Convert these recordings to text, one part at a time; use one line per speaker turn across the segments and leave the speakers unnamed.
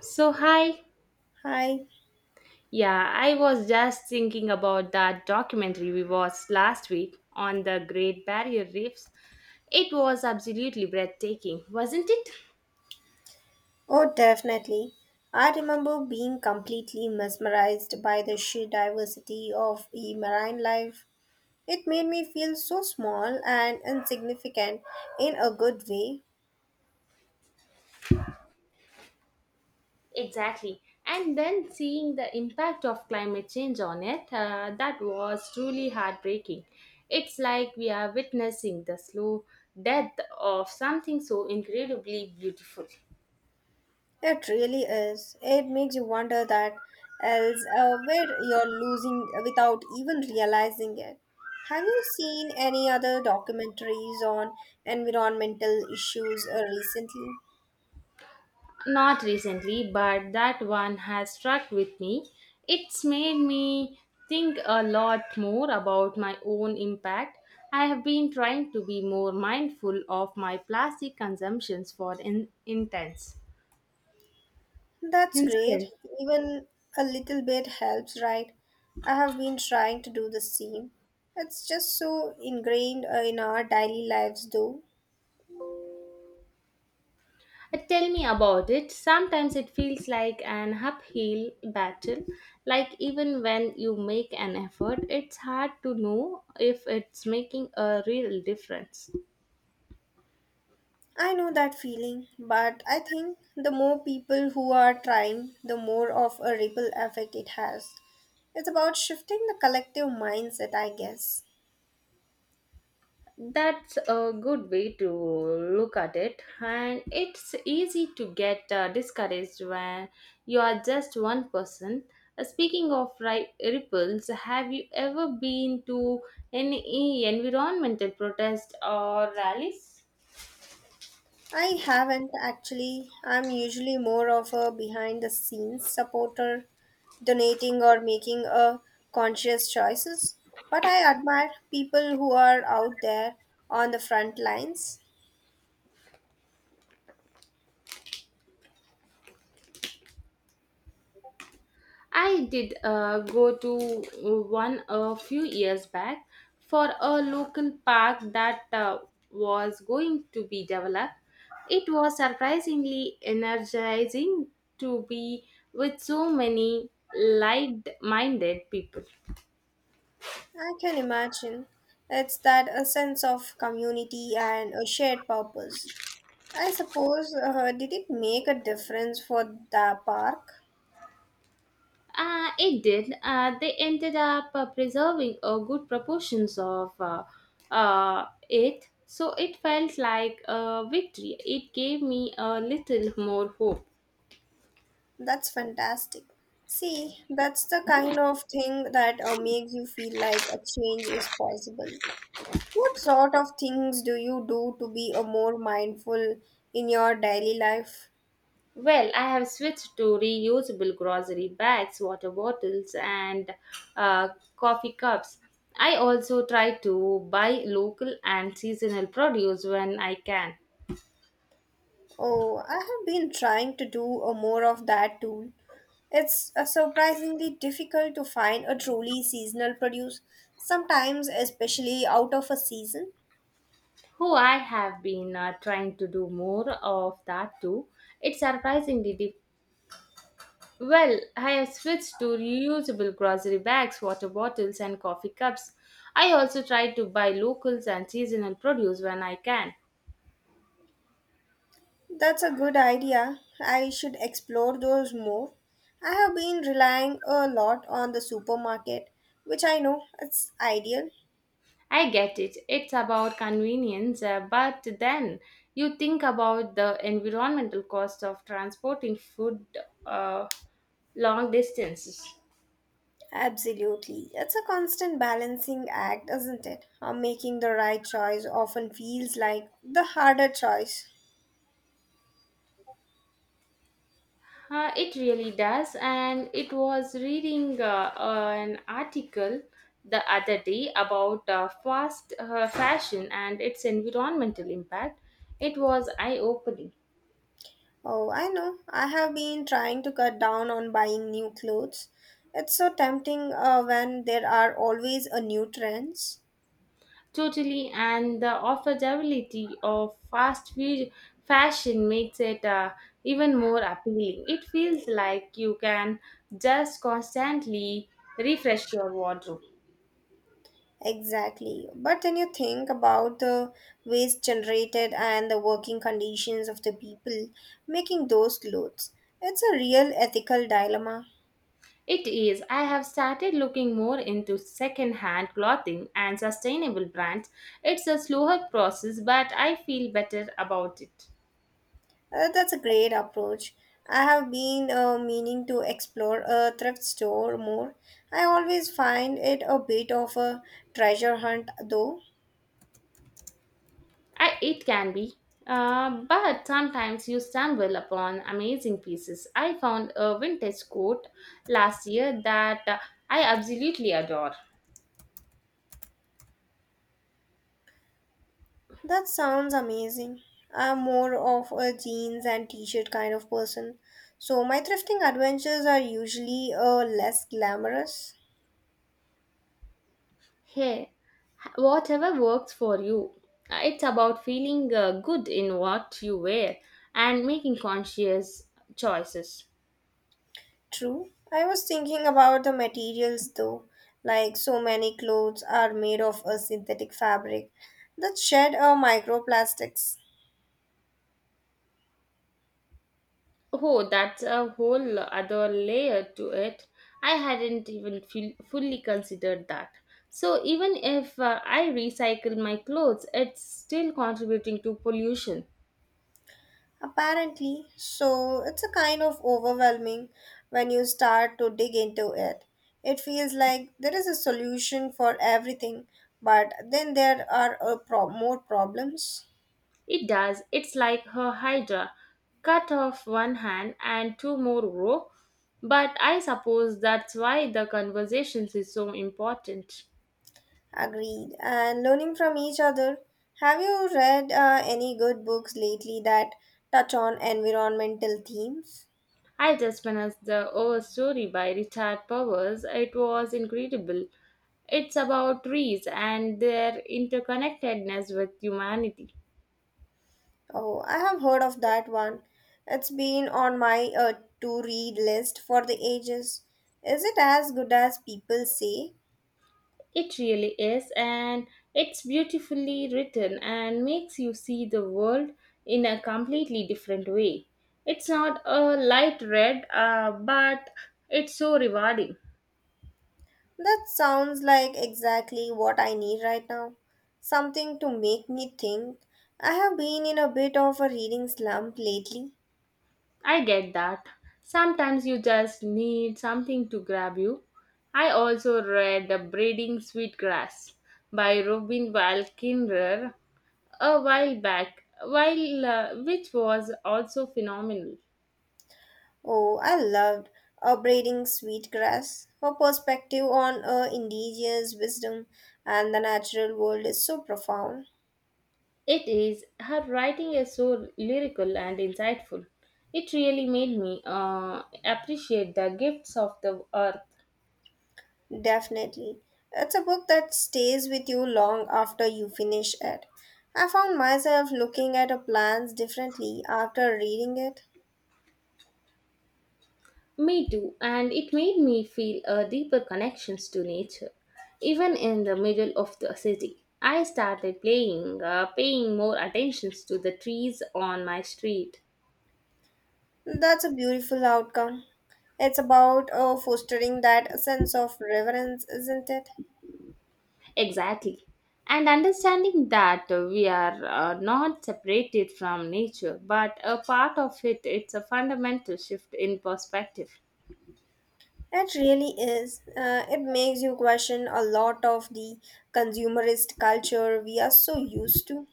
So, hi.
Hi.
Yeah, I was just thinking about that documentary we watched last week on the Great Barrier Reefs. It was absolutely breathtaking, wasn't it?
Oh, definitely. I remember being completely mesmerized by the sheer diversity of the marine life. It made me feel so small and insignificant in a good way.
Exactly. And then seeing the impact of climate change on it, that was truly heartbreaking. It's like we are witnessing the slow death of something so incredibly beautiful.
It really is. It makes you wonder that else where you're losing without even realizing it. Have you seen any other documentaries on environmental issues recently?
Not recently, but that one has struck with me. It's made me think a lot more about my own impact. I have been trying to be more mindful of my plastic consumptions for intense.
That's great.
Instance,
Even a little bit helps, right? I have been trying to do the same. It's just so ingrained in our daily lives, though.
Tell me about it. Sometimes it feels like an uphill battle. Like even when you make an effort, it's hard to know if it's making a real difference.
I know that feeling, but I think the more people who are trying, the more of a ripple effect it has. It's about shifting the collective mindset, I guess.
That's a good way to look at it, and it's easy to get discouraged when you are just one person. Speaking of ripples, have you ever been to any environmental protest or rallies?
I haven't actually. I'm usually more of a behind the scenes supporter, donating or making a conscious choices. But I admire people who are out there on the front lines.
I did go to one a few years back for a local park that was going to be developed. It was surprisingly energizing to be with so many light minded people.
I can imagine. It's that a sense of community and a shared purpose. I suppose, did it make a difference for the park?
It did. They ended up preserving a good proportions of it, so it felt like a victory. It gave me a little more hope.
That's fantastic. See, that's the kind of thing that makes you feel like a change is possible. What sort of things do you do to be a more mindful in your daily life?
Well, I have switched to reusable grocery bags, water bottles, and uh, coffee cups. I also try to buy local and seasonal produce when I can.
Oh, I have been trying to do a more of that too. It's surprisingly difficult to find a truly seasonal produce, sometimes especially out of a season.
Who I have been trying to do more of that too. It's surprisingly deep. Well, I have switched to reusable grocery bags, water bottles, and coffee cups. I also try to buy locals and seasonal produce when I can.
That's a good idea. I should explore those more. I have been relying a lot on the supermarket, which I know it's ideal.
I get it. It's about convenience, but then you think about the environmental cost of transporting food uh, long distances.
Absolutely. It's a constant balancing act, isn't it? How making the right choice often feels like the harder choice.
It really does, and it was reading an article the other day about fast fashion and its environmental impact. It was eye opening.
Oh, I know. I have been trying to cut down on buying new clothes. It's so tempting when there are always a new trends.
Totally, and the affordability of fast food fashion makes it even more appealing. It feels like you can just constantly refresh your wardrobe.
Exactly. But when you think about the waste generated and the working conditions of the people making those clothes, it's a real ethical dilemma.
It is. I have started looking more into second-hand clothing and sustainable brands. It's a slower process, but I feel better about it.
That's a great approach. I have been meaning to explore a thrift store more. I always find it a bit of a treasure hunt, though.
I, it can be, but sometimes you stumble upon amazing pieces. I found a vintage coat last year that I absolutely adore.
That sounds amazing. I'm more of a jeans and t-shirt kind of person, so my thrifting adventures are usually less glamorous.
Hey, whatever works for you. It's about feeling good in what you wear and making conscious choices.
True. I was thinking about the materials though. Like so many clothes are made of a synthetic fabric that shed microplastics.
Oh, that's a whole other layer to it. I hadn't even feel, fully considered that. So, even if I recycle my clothes, it's still contributing to pollution.
Apparently, so it's a kind of overwhelming when you start to dig into it. It feels like there is a solution for everything, but then there are more problems.
It does. It's like her hydra cut off one hand and two more grow. But I suppose that's why the conversations is so important.
Agreed. And learning from each other. Have you read any good books lately that touch on environmental themes?
I just finished the Oh Story by Richard Powers. It was incredible. It's about trees and their interconnectedness with humanity.
Oh, I have heard of that one. It's been on my to read list for the ages. Is it as good as people say?
It really is, and it's beautifully written and makes you see the world in a completely different way. It's not a light read, but it's so rewarding.
That sounds like exactly what I need right now. Something to make me think. I have been in a bit of a reading slump lately.
I get that. Sometimes you just need something to grab you. I also read The Braiding Sweetgrass by Robin Walkinger a while back, while which was also phenomenal.
Oh, I loved *A Abrading Sweetgrass. Her perspective on indigenous wisdom and the natural world is so profound.
It is her writing is so lyrical and insightful. It really made me appreciate the gifts of the earth.
Definitely. It's a book that stays with you long after you finish it. I found myself looking at her plants differently after reading it.
Me too, and it made me feel a deeper connections to nature. Even in the middle of the city, I started paying more attentions to the trees on my street.
That's a beautiful outcome. It's about fostering that sense of reverence, isn't it?
Exactly. And understanding that we are not separated from nature, but a part of it, it's a fundamental shift in perspective.
It really is. It makes you question a lot of the consumerist culture we are so used to.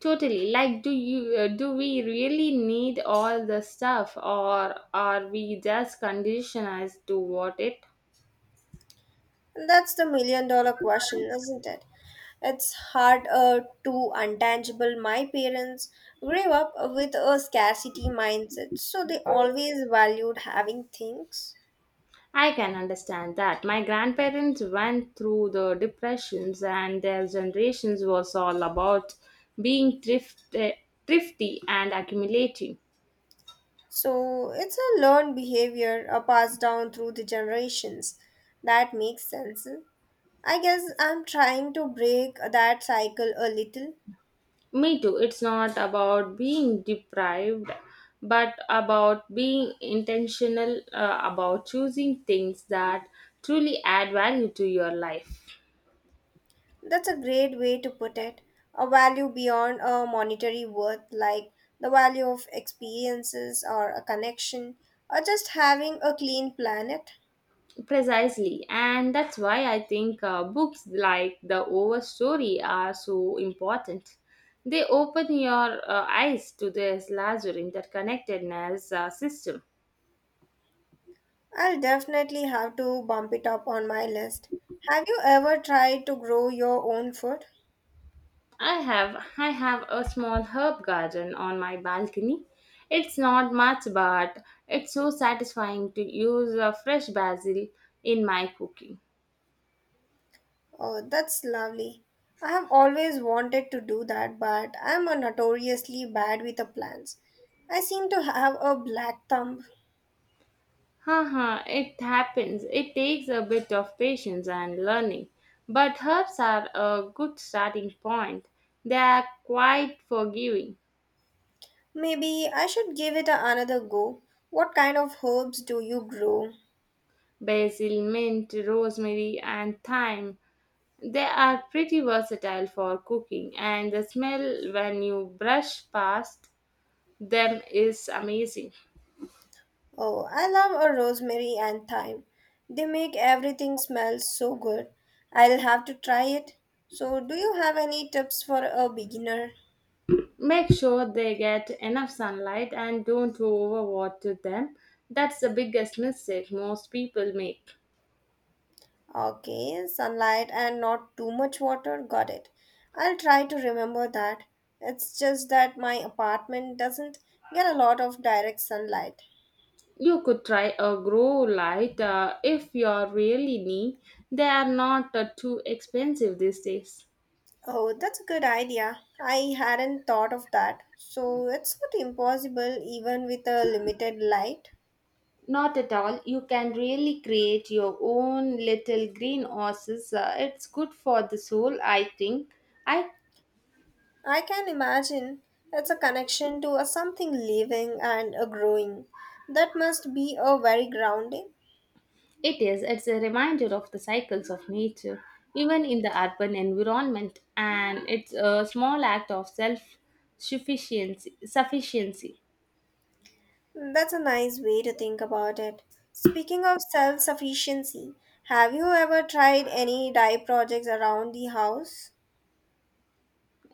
Totally. Like, do you do we really need all the stuff, or are we just conditioned as to what it?
And that's the million dollar question, isn't it? It's hard to untangible. My parents grew up with a scarcity mindset, so they always valued having things.
I can understand that. My grandparents went through the depressions, and their generations was all about being thrifty and accumulating.
So it's a learned behavior a passed down through the generations. That makes sense. I guess I'm trying to break that cycle a little.
Me too. It's not about being deprived, but about being intentional about choosing things that truly add value to your life.
That's a great way to put it. A value beyond a monetary worth, like the value of experiences or a connection, or just having a clean planet.
Precisely, and that's why I think books like The Overstory are so important. They open your eyes to this larger interconnectedness system.
I'll definitely have to bump it up on my list. Have you ever tried to grow your own food?
I have a small herb garden on my balcony. It's not much, but it's so satisfying to use fresh basil in my cooking.
Oh, that's lovely. I have always wanted to do that, but I am a notoriously bad with the plans. I seem to have a black thumb.
Haha, it happens. It takes a bit of patience and learning. But herbs are a good starting point. They are quite forgiving.
Maybe I should give it another go. What kind of herbs do you grow?
Basil, mint, rosemary, and thyme. They are pretty versatile for cooking, and the smell when you brush past them is amazing.
Oh, I love a rosemary and thyme. They make everything smell so good. I'll have to try it. So, do you have any tips for a beginner?
Make sure they get enough sunlight and don't overwater them. That's the biggest mistake most people make.
Okay, sunlight and not too much water. Got it. I'll try to remember that. It's just that my apartment doesn't get a lot of direct sunlight.
You could try a grow light if you're really need. They are not too expensive these days.
Oh, that's a good idea. I hadn't thought of that. So it's not impossible even with a limited light.
Not at all. You can really create your own little green oasis. It's good for the soul, I think. I
I can imagine it's a connection to a something living and a growing. That must be a very grounding.
It is. It's a reminder of the cycles of nature, even in the urban environment, and it's a small act of self sufficiency. Sufficiency.
That's a nice way to think about it. Speaking of self sufficiency, have you ever tried any dye projects around the house?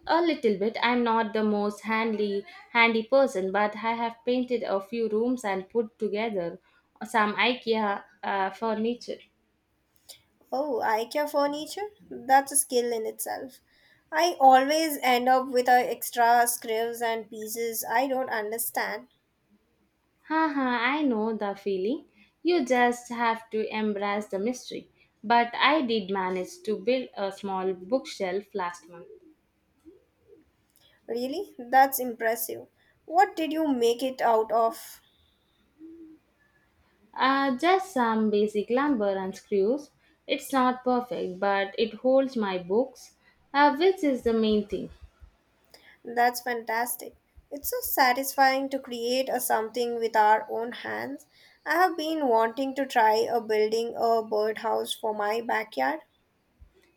A little bit. I'm not the most handy person, but I have painted a few rooms and put together some IKEA furniture.
Oh, IKEA furniture? That's a skill in itself. I always end up with extra scripts and pieces I don't understand.
Haha, I know the feeling. You just have to embrace the mystery. But I did manage to build a small bookshelf last month.
Really? That's impressive. What did you make it out of?
Just some basic lumber and screws. It's not perfect, but it holds my books, which is the main thing.
That's fantastic. It's so satisfying to create a something with our own hands. I have been wanting to try a building a birdhouse for my backyard.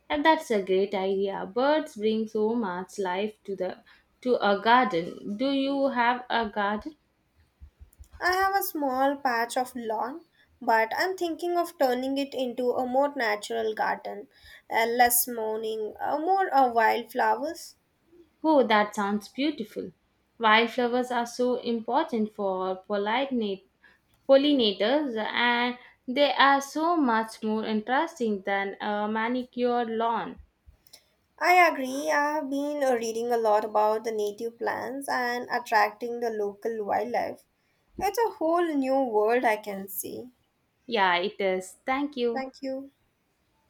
And that's a great idea. Birds bring so much life to the to a garden. Do you have a garden?
I have a small patch of lawn, but I'm thinking of turning it into a more natural garden, less mourning, more wildflowers.
Oh, that sounds beautiful. Wildflowers are so important for pollinators and they are so much more interesting than a manicured lawn.
I agree. I have been reading a lot about the native plants and attracting the local wildlife. It's a whole new world I can see.
Yeah, it is. Thank you.
Thank you.